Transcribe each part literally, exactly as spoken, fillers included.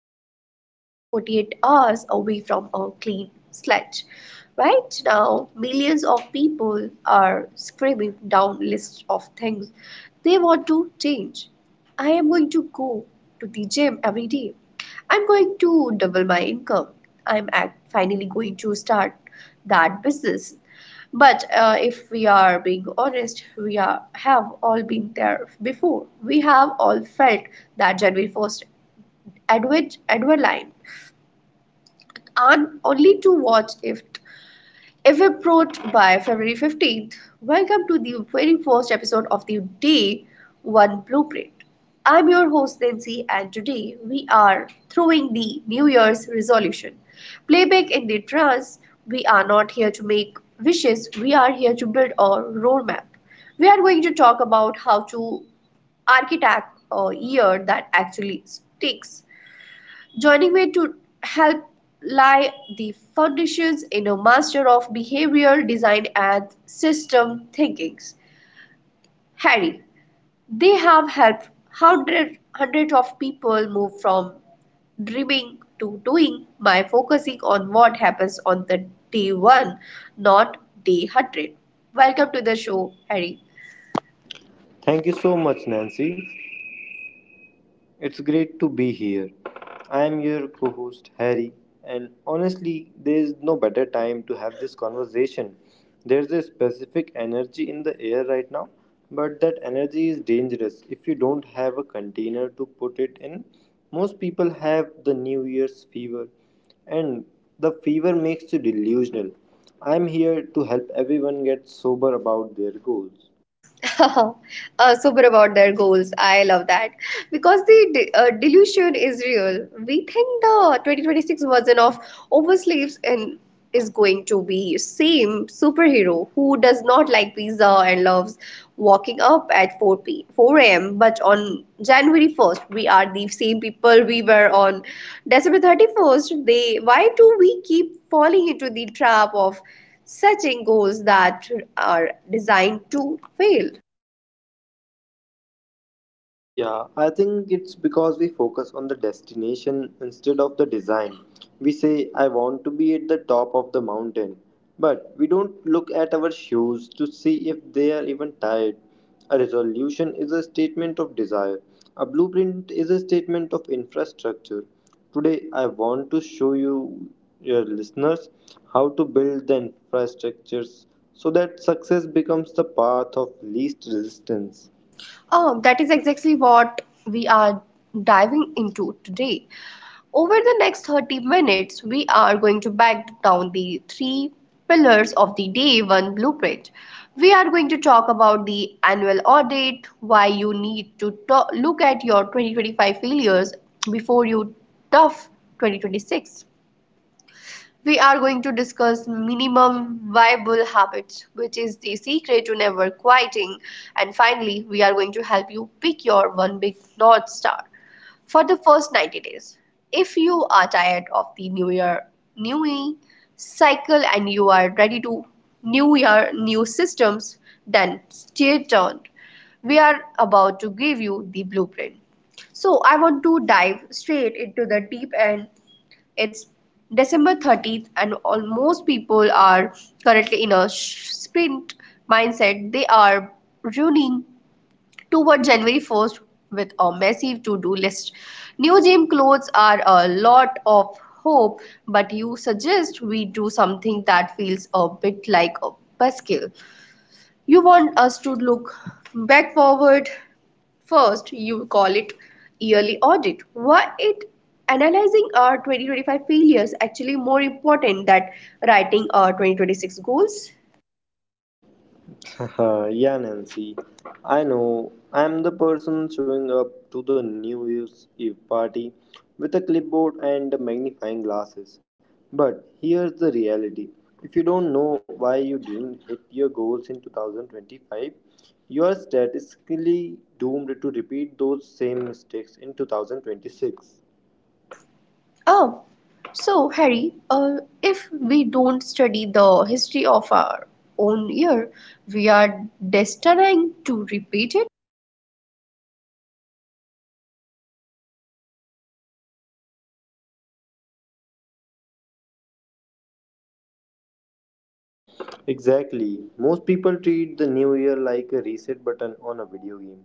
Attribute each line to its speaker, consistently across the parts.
Speaker 1: are less than forty-eight hours away from a clean slate. Right now, millions of people are scribbling down lists of things they want to change. I am going to go to the gym every day. I'm going to double my income. I'm ac- finally going to start that business. But uh, if we are being honest, we are, have all been there before. We have all felt that January first advent line, and only to watch it if approached by February fifteenth. Welcome to the very first episode of the Day One Blueprint. I'm your host Nancy, and today we are throwing the New Year's resolution. Playback in the trance, we are not here to make wishes, we are here to build a roadmap. We are going to talk about how to architect a year that actually sticks, joining me to help lie the foundations in a master of behavioral design and system thinking, Harry. They have helped hundred, hundreds of people move from dreaming to doing by focusing on what happens on the day one, not day one hundred. Welcome to the show, Harry.
Speaker 2: Thank you so much, Nancy. It's great to be here. I am your co host, Harry, and honestly, there is no better time to have this conversation. There's a specific energy in the air right now, but that energy is dangerous if you don't have a container to put it in. Most people have the New Year's fever, and the fever makes you delusional. I'm here to help everyone get sober about their goals.
Speaker 1: Uh, super about their goals. I love that because the de- uh, delusion is real. We think the twenty twenty-six version of Oversleeps and is going to be same superhero who does not like pizza and loves walking up at 4 p four a m. But on January first, we are the same people we were on December thirty-first. They Why do we keep falling into the trap of setting goals that are designed to fail?
Speaker 2: Yeah, I think it's because we focus on the destination instead of the design. We say, I want to be at the top of the mountain, but we don't look at our shoes to see if they are even tied. A resolution is a statement of desire, a blueprint is a statement of infrastructure. Today, I want to show you, your listeners, how to build the infrastructures so that success becomes the path of least resistance.
Speaker 1: Oh, that is exactly what we are diving into today. Over the next thirty minutes, we are going to back down the three pillars of the Day one blueprint. We are going to talk about the annual audit, why you need to to- look at your twenty twenty-five failures before you tough twenty twenty-six. We are going to discuss minimum viable habits, which is the secret to never quitting. And finally, we are going to help you pick your one big North Star for the first ninety days. If you are tired of the new year, new me cycle and you are ready to new year, new systems, then stay tuned. We are about to give you the blueprint. So, I want to dive straight into the deep end. It's December thirtieth, and almost people are currently in a sh- sprint mindset. They are running toward January first with a massive to do list. New gym clothes are a lot of hope, but you suggest we do something that feels a bit like a buskill. You want us to look back forward first, you call it yearly audit. Why it analyzing our twenty twenty-five failures actually more important than writing our twenty twenty-six goals?
Speaker 2: Yeah, Nancy. I know. I'm the person showing up to the New Year's Eve party with a clipboard and magnifying glasses. But here's the reality: if you don't know why you didn't hit your goals in two thousand twenty-five, you are statistically doomed to repeat those same mistakes in two thousand twenty-six.
Speaker 1: Oh, so Harry, uh, if we don't study the history of our own year, we are destined to repeat it.
Speaker 2: Exactly. Most people treat the new year like a reset button on a video game.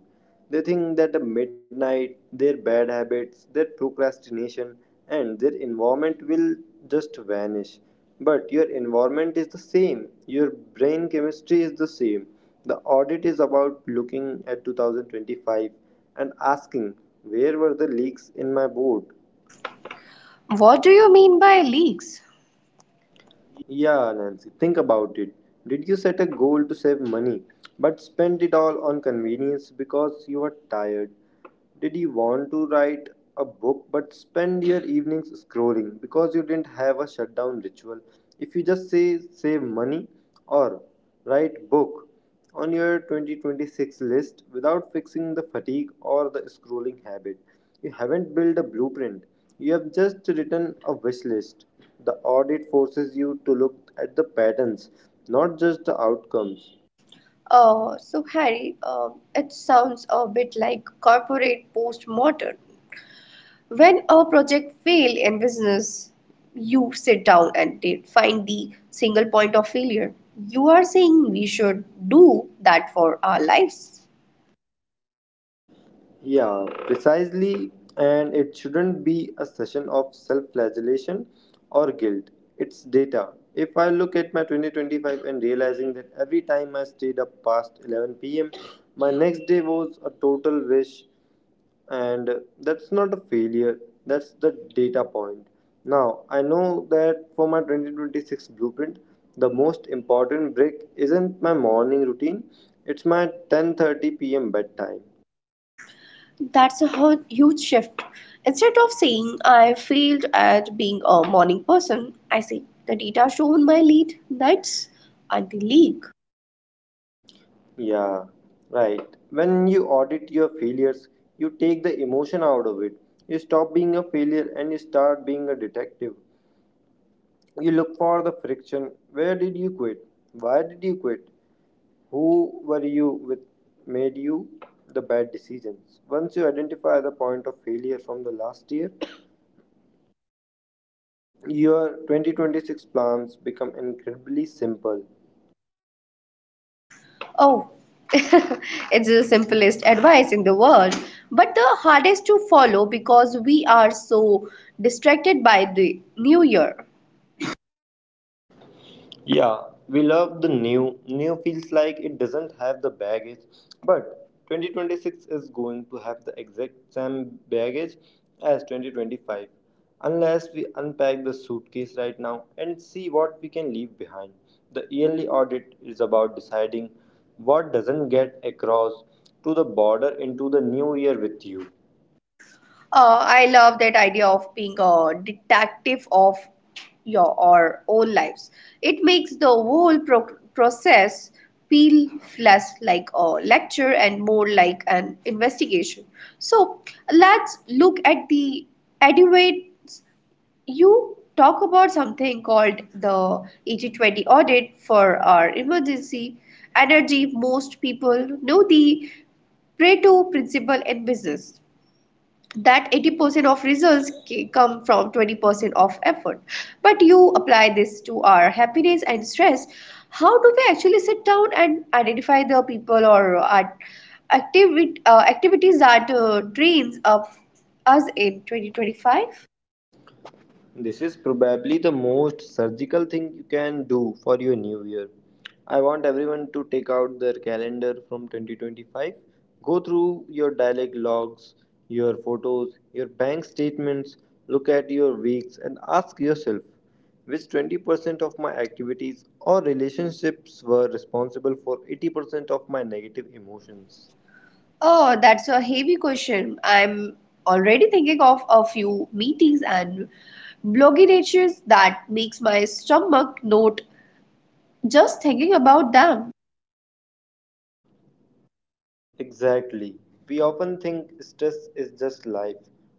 Speaker 2: They think that at midnight, their bad habits, their procrastination, and their environment will just vanish. But your environment is the same, your brain chemistry is the same. The audit is about looking at two thousand twenty-five and asking, where were the leaks in my board?
Speaker 1: What do you mean by leaks?
Speaker 2: Yeah, Nancy, think about it. Did you set a goal to save money, but spend it all on convenience because you were tired? Did you want to write a book, but spend your evenings scrolling because you didn't have a shutdown ritual? If you just say save money or write book, on your twenty twenty-six list without fixing the fatigue or the scrolling habit, you haven't built a blueprint, you have just written a wish list. The audit forces you to look at the patterns, not just the outcomes.
Speaker 1: Uh, so, Harry, uh, it sounds a bit like corporate postmodern. When a project fails in business, you sit down and de- find the single point of failure. You are saying we should do that for our lives.
Speaker 2: Yeah, precisely, and it shouldn't be a session of self flagellation or guilt. It's data. If I look at my twenty twenty-five and realizing that every time I stayed up past eleven p m, my next day was a total wish and that's not a failure, that's the data point. Now I know that for my twenty twenty-six blueprint, the most important break isn't my morning routine, it's my ten thirty p m bedtime.
Speaker 1: That's a hu- huge shift. Instead of saying I failed at being a morning person, I say the data shown my late nights are the leak.
Speaker 2: Yeah, right. When you audit your failures, you take the emotion out of it. You stop being a failure and you start being a detective. You look for the friction. Where did you quit? Why did you quit? Who were you with made you the bad decisions? Once you identify the point of failure from the last year, your twenty twenty-six plans become incredibly simple.
Speaker 1: Oh, it's the simplest advice in the world, but the hardest to follow because we are so distracted by the new year.
Speaker 2: Yeah, we love the new. New feels like it doesn't have the baggage, but twenty twenty-six is going to have the exact same baggage as twenty twenty-five unless we unpack the suitcase right now and see what we can leave behind. The yearly audit is about deciding what doesn't get across to the border into the new year with you.
Speaker 1: Uh, I love that idea of being a detective of your our own lives. It makes the whole pro- process feel less like a lecture and more like an investigation. So let's look at the advent, you talk about something called the eighty twenty audit for our emergency energy. Most people know the pareto principle in business, that eighty percent of results ca- come from twenty percent of effort, but you apply this to our happiness and stress. How do we actually sit down and identify the people or our activi- uh, activities that uh, drains of us in twenty twenty-five?
Speaker 2: This is probably the most surgical thing you can do for your new year. I want everyone to take out their calendar from twenty twenty-five, go through your dialog logs, your photos, your bank statements, look at your weeks, and ask yourself which twenty percent of my activities or relationships were responsible for eighty percent of my negative emotions.
Speaker 1: Oh, that's a heavy question. I'm already thinking of a few meetings and bloggy natures that makes my stomach note just thinking about them.
Speaker 2: Exactly. We often think stress is just life,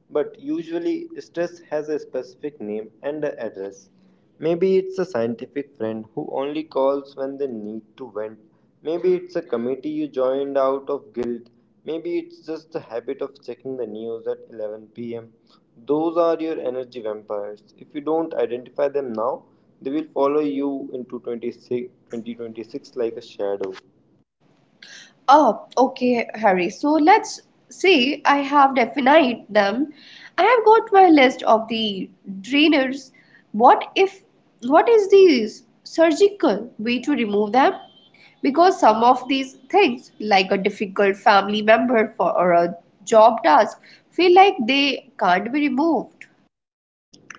Speaker 2: but usually stress has a specific name and a address. Maybe it's a scientific friend who only calls when they need to vent. Maybe it's a committee you joined out of guilt. Maybe it's just the habit of checking the news at eleven p m. Those are your energy vampires. If you don't identify them now, they will follow you into twenty six twenty twenty-six like a shadow.
Speaker 1: Oh, okay, Harry. So let's say I have defined them. I have got my list of the drainers. What if, What is the surgical way to remove them? Because some of these things, like a difficult family member for, or a job task, feel like they can't be removed.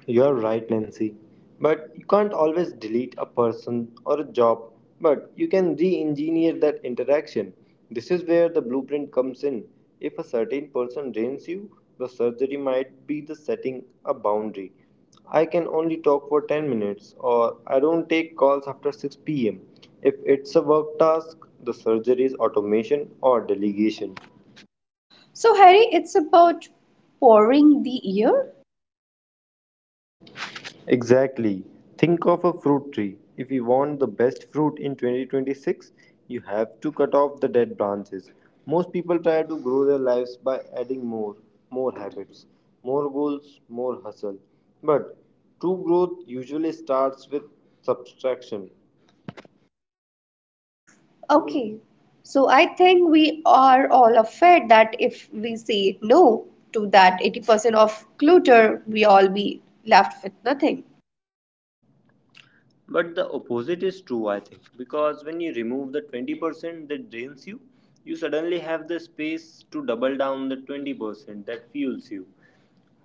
Speaker 2: You're right, Nancy. But you can't always delete a person or a job, but you can re engineer that interaction. This is where the blueprint comes in. If a certain person drains you, the surgery might be the setting a boundary. I can only talk for ten minutes, or I don't take calls after six p m. If it's a work task, the surgery is automation or delegation.
Speaker 1: So, Harry, it's about pouring the ear.
Speaker 2: Exactly. Think of a fruit tree. If you want the best fruit in twenty twenty-six, you have to cut off the dead branches. Most people try to grow their lives by adding more, more habits, more goals, more hustle. But true growth usually starts with subtraction.
Speaker 1: Okay, so I think we are all afraid that if we say no to that eighty percent of clutter, we all be left with nothing.
Speaker 2: But the opposite is true, I think, because when you remove the twenty percent that drains you, you suddenly have the space to double down the twenty percent that fuels you.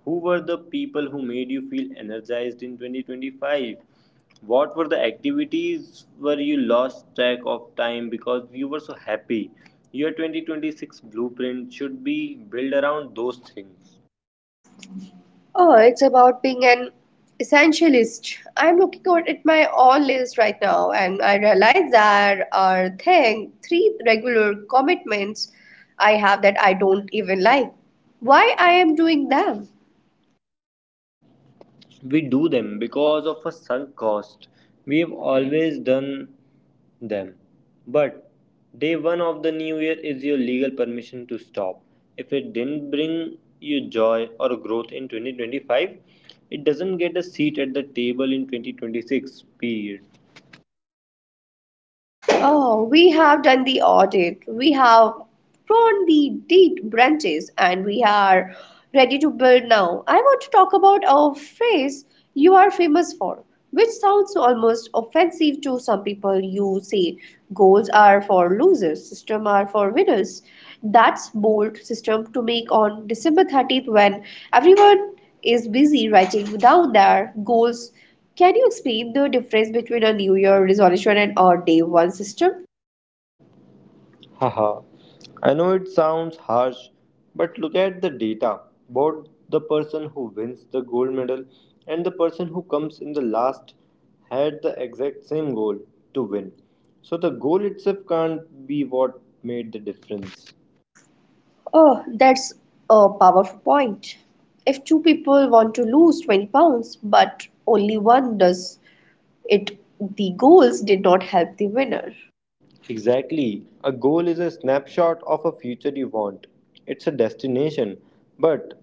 Speaker 2: Who were the people who made you feel energized in twenty twenty-five? What were the activities where you lost track of time because you were so happy? Your twenty twenty-six blueprint should be built around those things.
Speaker 1: Oh, it's about being an essentialist. I'm looking out at my all list right now and I realize there are thing, three regular commitments I have that I don't even like. Why I am doing them?
Speaker 2: We do them because of a sunk cost. We've always done them. But day one of the new year is your legal permission to stop. If it didn't bring you joy or growth in twenty twenty-five, it doesn't get a seat at the table in twenty twenty-six. Period.
Speaker 1: Oh, we have done the audit, we have drawn the deed branches, and we are ready to build now. I want to talk about a phrase you are famous for, which sounds almost offensive to some people. You say goals are for losers, system are for winners. That's bold system to make on December thirtieth when everyone is busy writing down their goals. Can you explain the difference between a New Year resolution and a day one system?
Speaker 2: Haha, I know it sounds harsh, but look at the data. Both the person who wins the gold medal and the person who comes in the last had the exact same goal: to win. So the goal itself can't be what made the difference.
Speaker 1: Oh, that's a powerful point. If two people want to lose twenty pounds, but only one does it, the goals did not help the winner.
Speaker 2: Exactly. A goal is a snapshot of a future you want. It's a destination, but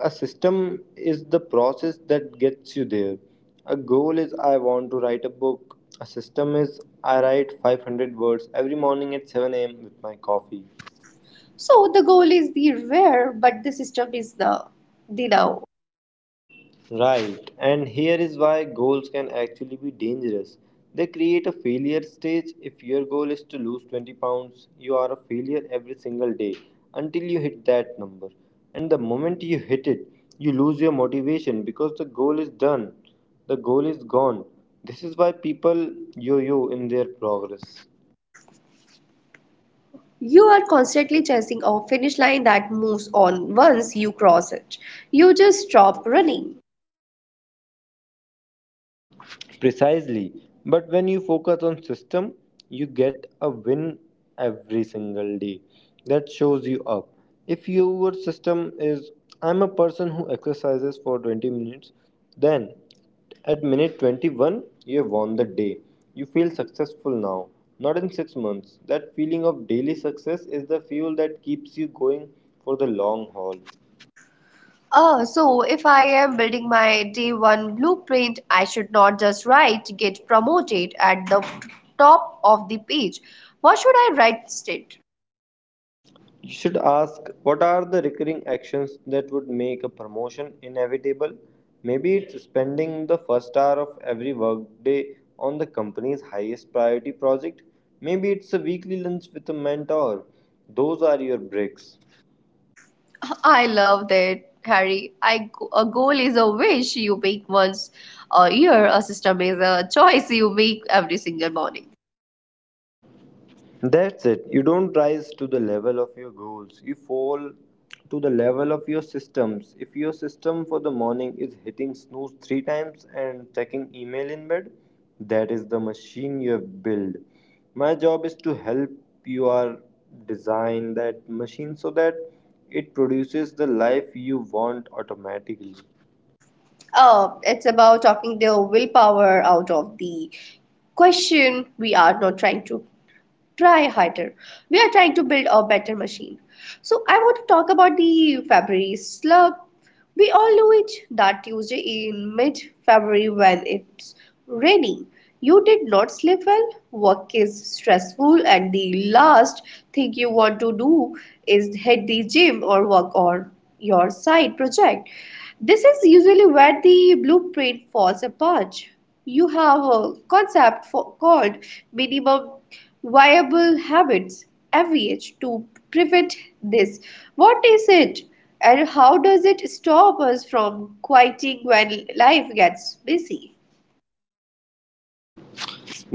Speaker 2: a system is the process that gets you there. A goal is I want to write a book. A system is I write five hundred words every morning at seven a m with my coffee.
Speaker 1: So the goal is the where, but the system is the, the now.
Speaker 2: Right, and here is why goals can actually be dangerous. They create a failure stage. If your goal is to lose twenty pounds, you are a failure every single day until you hit that number. And the moment you hit it, you lose your motivation because the goal is done, the goal is gone. This is why people yo yo in their progress.
Speaker 1: You are constantly chasing a finish line that moves on once you cross it. You just stop running.
Speaker 2: Precisely. But when you focus on system, you get a win every single day. That shows you up. If your system is I'm a person who exercises for twenty minutes, then at minute twenty-one you have won the day. You feel successful now, not in six months. That feeling of daily success is the fuel that keeps you going for the long haul.
Speaker 1: Oh, so if I am building my day one blueprint, I should not just write get promoted at the top of the page. What should I write instead?
Speaker 2: You should ask, what are the recurring actions that would make a promotion inevitable? Maybe it's spending the first hour of every workday on the company's highest priority project. Maybe it's a weekly lunch with a mentor. Those are your breaks.
Speaker 1: I love that, Harry. I, a goal is a wish you make once a year, a system is a choice you make every single morning.
Speaker 2: That's it. You don't rise to the level of your goals. You fall to the level of your systems. If your system for the morning is hitting snooze three times and checking email in bed, that is the machine you have built. My job is to help you are design that machine so that it produces the life you want automatically.
Speaker 1: Oh, it's about talking the willpower out of the question. We are not trying to try harder. We are trying to build a better machine. So I want to talk about the February slump. We all know it, that Tuesday in mid February when it's raining. You did not sleep well, work is stressful, and the last thing you want to do is hit the gym or work on your side project. This is usually where the blueprint falls apart. You have a concept for, called minimum viable habits every age to prevent this. What is it? And how does it stop us from quitting when life gets busy?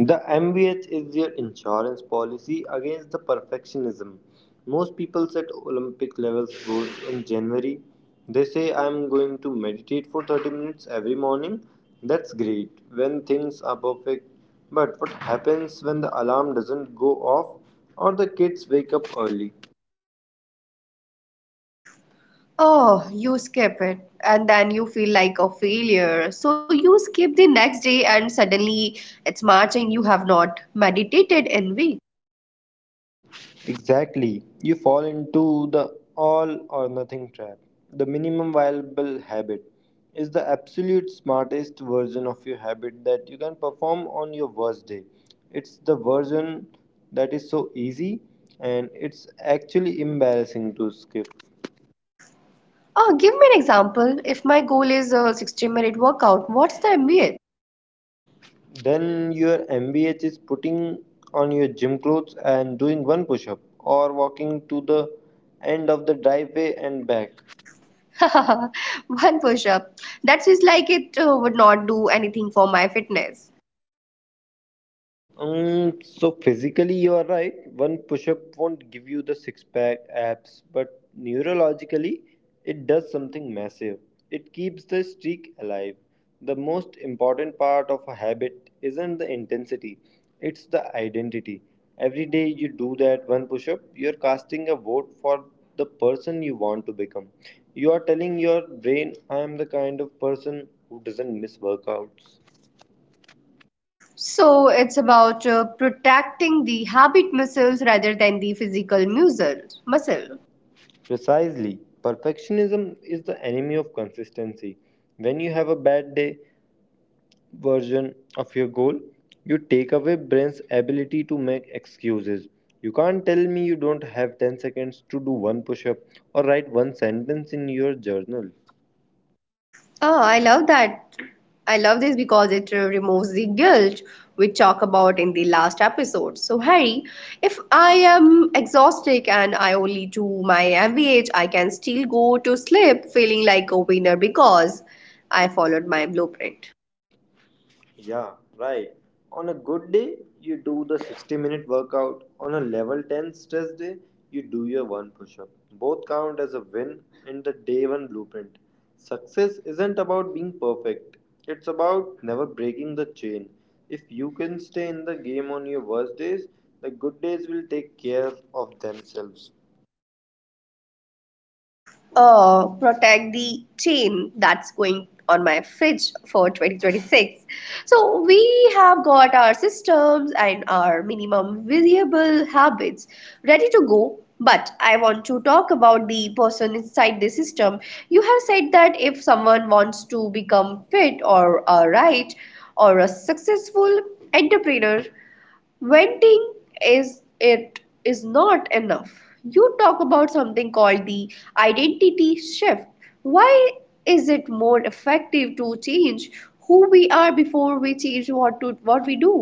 Speaker 2: The M V H is their insurance policy against the perfectionism. Most people set Olympic level goals in January. They say, I'm going to meditate for thirty minutes every morning. That's great when things are perfect. But what happens when the alarm doesn't go off or the kids wake up early?
Speaker 1: Oh, you skip it and then you feel like a failure. So you skip the next day and suddenly it's March and you have not meditated in week.
Speaker 2: Exactly. You fall into the all or nothing trap. The minimum viable habit is the absolute smartest version of your habit that you can perform on your worst day. It's the version that is so easy and it's actually embarrassing to skip.
Speaker 1: Oh, give me an example. If my goal is a sixty minute workout, what's the M B A?
Speaker 2: Then your M B H is putting on your gym clothes and doing one push up or walking to the end of the driveway and back.
Speaker 1: One push up. That seems like it uh, would not do anything for my fitness.
Speaker 2: Um, so physically you are right. One push-up won't give you the six-pack abs, but neurologically it does something massive. It keeps the streak alive. The most important part of a habit isn't the intensity, it's the identity. Every day you do that one push-up, you're casting a vote for the person you want to become. You are telling your brain, I am the kind of person who doesn't miss workouts.
Speaker 1: So it's about uh, protecting the habit muscles rather than the physical muscle. Muscle.
Speaker 2: Precisely. Perfectionism is the enemy of consistency. When you have a bad day version of your goal, you take away brain's ability to make excuses. You can't tell me you don't have ten seconds to do one push up or write one sentence in your journal.
Speaker 1: Oh, I love that. I love this because it uh, removes the guilt we talked about in the last episode. So, Harry, if I am exhausted and I only do my M V H, I can still go to sleep feeling like a winner because I followed my blueprint.
Speaker 2: Yeah, right. On a good day, you do the sixty minute workout. On a level ten stress day, you do your one push up. Both count as a win in the day one blueprint. Success isn't about being perfect, it's about never breaking the chain. If you can stay in the game on your worst days, the good days will take care of themselves.
Speaker 1: Uh, protect the chain that's going on my fridge for twenty twenty-six. So we have got our systems and our minimum viable habits ready to go. But I want to talk about the person inside the system. You have said that if someone wants to become fit or a right or a successful entrepreneur, venting is it is not enough. You talk about something called the identity shift. Why is it more effective to change who we are before we change what to what we do?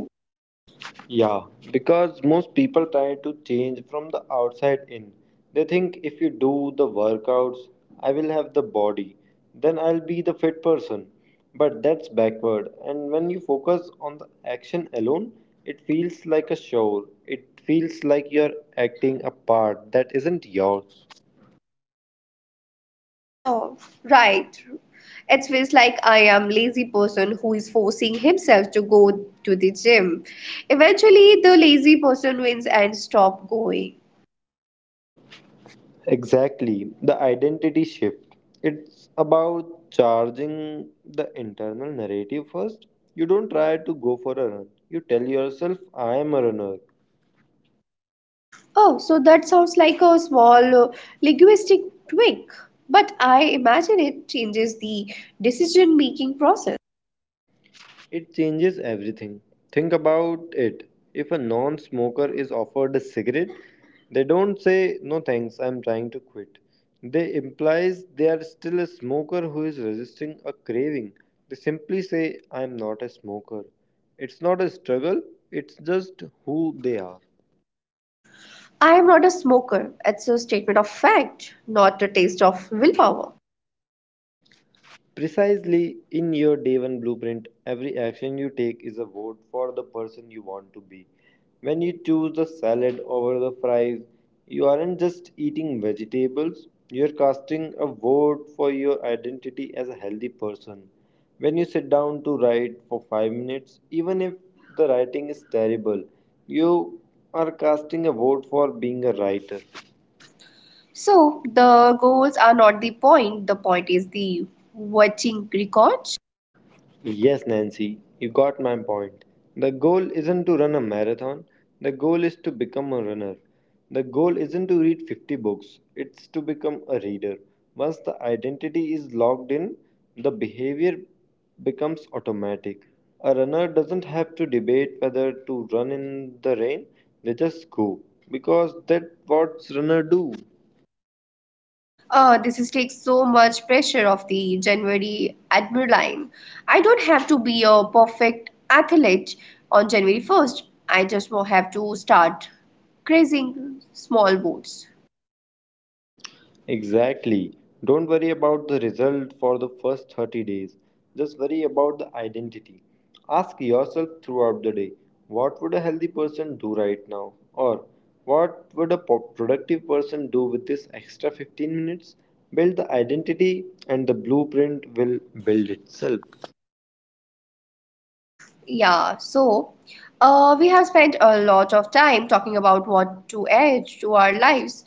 Speaker 2: Yeah, because most people try to change from the outside in. They think if you do the workouts, I will have the body, then I'll be the fit person. But that's backward, and when you focus on the action alone, it feels like a show. It feels like you're acting a part that isn't yours.
Speaker 1: Oh, right, it feels like I am lazy person who is forcing himself to go to the gym. Eventually the lazy person wins and stop going.
Speaker 2: Exactly, the identity shift. It's about charging the internal narrative first. You don't try to go for a run. You tell yourself, I am a runner.
Speaker 1: Oh, so that sounds like a small uh, linguistic tweak, but I imagine it changes the decision making process.
Speaker 2: It changes everything. Think about it. If a non smoker is offered a cigarette, they don't say, no thanks, I'm trying to quit. They implies they are still a smoker who is resisting a craving. They simply say, I'm not a smoker. It's not a struggle, it's just who they are.
Speaker 1: I am not a smoker. It's a statement of fact, not a taste of willpower.
Speaker 2: Precisely, in your day one blueprint, every action you take is a vote for the person you want to be. When you choose the salad over the fries, you aren't just eating vegetables, you're casting a vote for your identity as a healthy person. When you sit down to write for five minutes, even if the writing is terrible, you are casting a vote for being a writer.
Speaker 1: So the goals are not the point. The point is the watching record.
Speaker 2: Yes, Nancy, you got my point. The goal isn't to run a marathon, the goal is to become a runner. The goal isn't to read fifty books, it's to become a reader. Once the identity is locked in, the behavior becomes automatic. A runner doesn't have to debate whether to run in the rain, they just go because that's what runners do.
Speaker 1: Uh, this is takes so much pressure off the January adrenaline. I don't have to be a perfect athlete on January first. I just will have to start grazing small boats.
Speaker 2: Exactly. Don't worry about the result for the first thirty days. Just worry about the identity. Ask yourself throughout the day, what would a healthy person do right now? Or what would a po- productive person do with this extra fifteen minutes? Build the identity, and the blueprint will build itself.
Speaker 1: Yeah, so uh, we have spent a lot of time talking about what to add to our lives.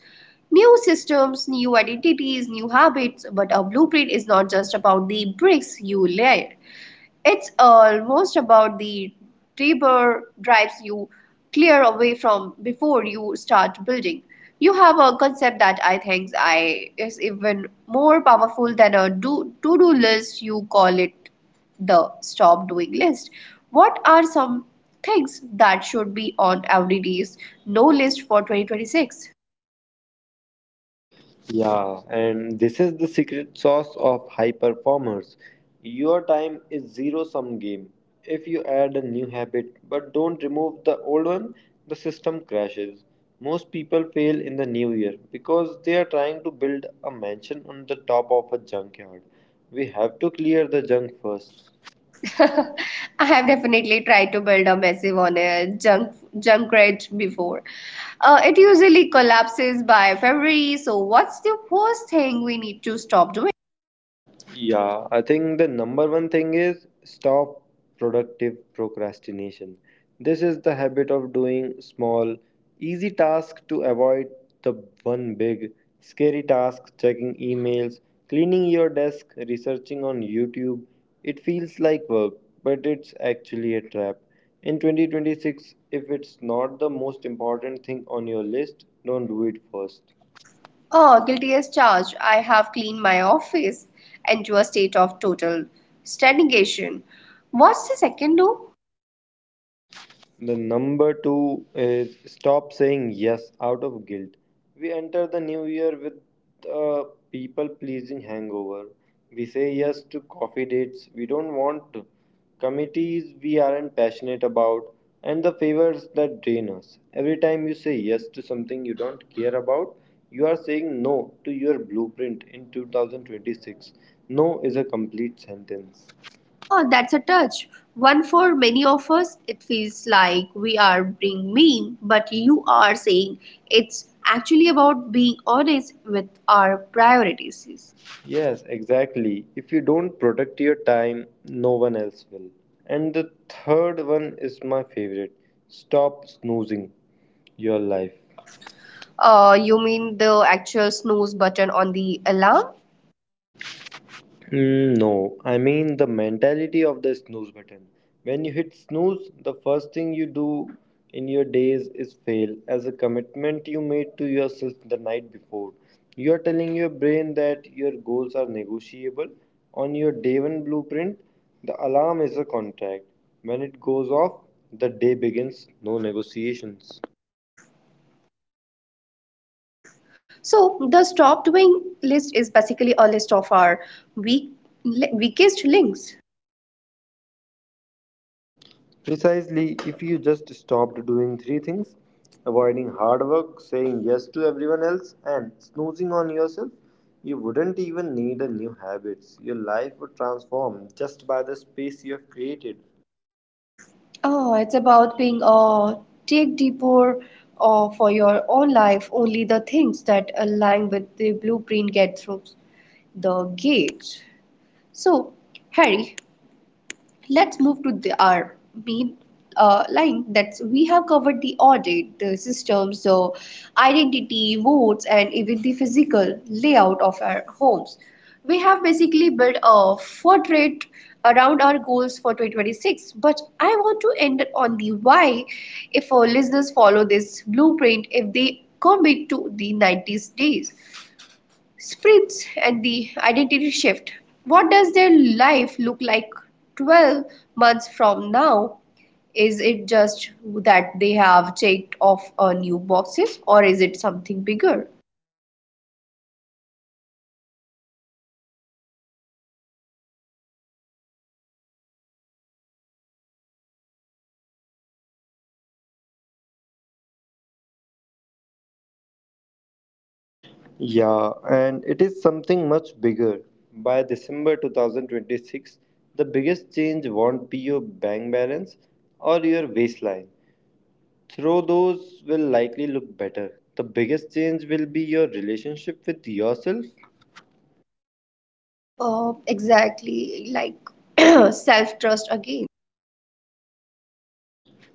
Speaker 1: New systems, new identities, new habits, but a blueprint is not just about the bricks you lay. It's almost about the deeper drives you clear away from before you start building. You have a concept that I think I is even more powerful than a do to do list. You call it the stop doing list. What are some things that should be on every day's no list for twenty twenty-six?
Speaker 2: Yeah, and this is the secret sauce of high performers. Your time is zero sum game. If you add a new habit but don't remove the old one, the system crashes. Most people fail in the new year because they are trying to build a mansion on the top of a junkyard. We have to clear the junk first.
Speaker 1: I have definitely tried to build a massive on a junk junk rate before. Uh, it usually collapses by February. So what's the first thing we need to stop doing?
Speaker 2: Yeah, I think the number one thing is stop productive procrastination. This is the habit of doing small, easy tasks to avoid the one big, scary task: checking emails, cleaning your desk, researching on YouTube. It feels like work, but it's actually a trap. In twenty twenty-six, if it's not the most important thing on your list, don't do it first.
Speaker 1: Oh, guilty as charged. I have cleaned my office into a state of total stagnation. What's the second do?
Speaker 2: The number two is stop saying yes out of guilt. We enter the new year with a people pleasing hangover. We say yes to coffee dates we don't want to, committees we aren't passionate about, and the favors that drain us. Every time you say yes to something you don't care about, you are saying no to your blueprint in twenty twenty-six. No is a complete sentence.
Speaker 1: Oh, that's a touch. One for many of us, it feels like we are being mean, but you are saying it's actually about being honest with our priorities.
Speaker 2: Yes, exactly. If you don't protect your time, no one else will. And the third one is my favorite: stop snoozing your life.
Speaker 1: Uh, you mean the actual snooze button on the alarm?
Speaker 2: Mm, no, I mean the mentality of the snooze button. When you hit snooze, the first thing you do in your days is fail as a commitment you made to yourself the night before. You are telling your brain that your goals are negotiable. On your day one blueprint, the alarm is a contract. When it goes off, the day begins, no negotiations.
Speaker 1: So, the stop doing list is basically a list of our weak, weakest links.
Speaker 2: Precisely, if you just stopped doing three things, avoiding hard work, saying yes to everyone else, and snoozing on yourself, you wouldn't even need a new habits. Your life would transform just by the space you have created.
Speaker 1: Oh, it's about being uh, take deeper uh, for your own life. Only the things that align with the blueprint get through the gates. So, Harry, let's move to the, our main uh, line that we have covered the audit, the systems, so identity, votes, and even the physical layout of our homes. We have basically built a portrait around our goals for twenty twenty-six, but I want to end on the why if our listeners follow this blueprint if they commit to the ninety days. Spritz and the identity shift. What does their life look like twelve months from now? Is it just that they have checked off a new boxes or is it something bigger?
Speaker 2: Yeah, and it is something much bigger. By December twenty twenty-six, the biggest change won't be your bank balance or your waistline, though those will likely look better. The biggest change will be your relationship with yourself.
Speaker 1: Uh, exactly, like self trust again.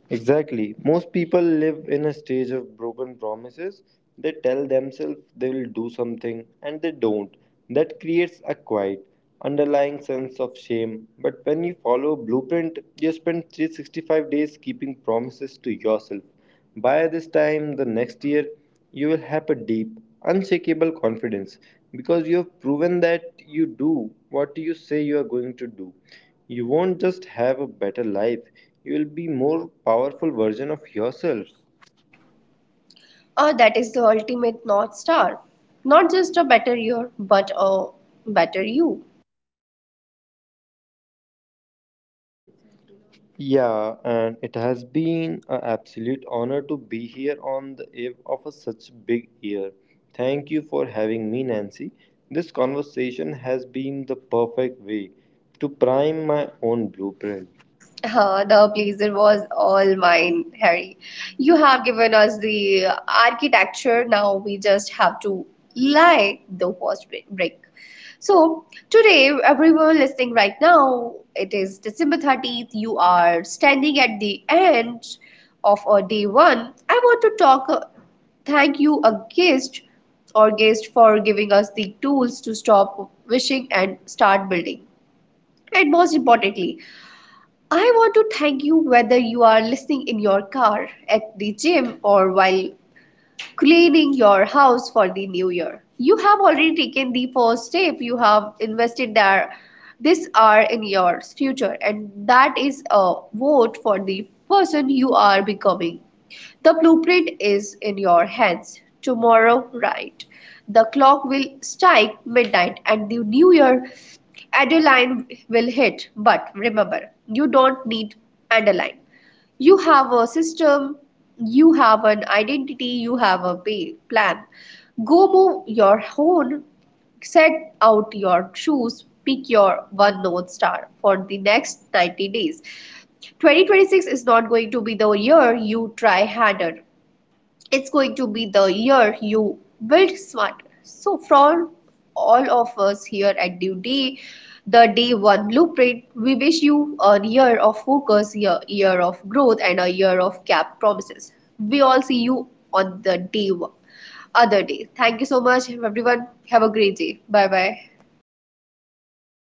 Speaker 2: Exactly. Most people live in a stage of broken promises. They tell themselves they will do something and they don't. That creates a quiet, underlying sense of shame. But when you follow a blueprint, you spend three hundred sixty-five days keeping promises to yourself. By this time the next year, you will have a deep, unshakable confidence because you have proven that you do what you say you are going to do. You won't just have a better life, you will be more powerful version of yourself.
Speaker 1: Uh, that is the ultimate North Star. Not just a better year, but a better you.
Speaker 2: Yeah, and it has been an absolute honor to be here on the eve of a such big year. Thank you for having me, Nancy. This conversation has been the perfect way to prime my own blueprint.
Speaker 1: Uh, the pleasure was all mine, Harry. You have given us the architecture. Now we just have to lie the first bre- break. So today, everyone listening right now, it is December thirtieth. You are standing at the end of a day one. I want to talk. uh, Thank you, a guest or guest, for giving us the tools to stop wishing and start building. And most importantly, I want to thank you whether you are listening in your car, at the gym, or while cleaning your house for the new year. You have already taken the first step. You have invested there this hour in your future, and that is a vote for the person you are becoming. The blueprint is in your hands. Tomorrow, right? The clock will strike midnight, and the new year Adeline will hit, but remember, you don't need Adeline. You have a system, you have an identity, you have a pay, plan. Go move your own, set out your shoes, pick your one North Star for the next ninety days. twenty twenty-six is not going to be the year you try harder, it's going to be the year you build smarter. So, from all of us here at Due Day, the Day One Blueprint, we wish you a year of focus, a year of growth, and a year of cap promises. We all see you on the day one, other day. Thank you so much, everyone. Have a great day. Bye bye.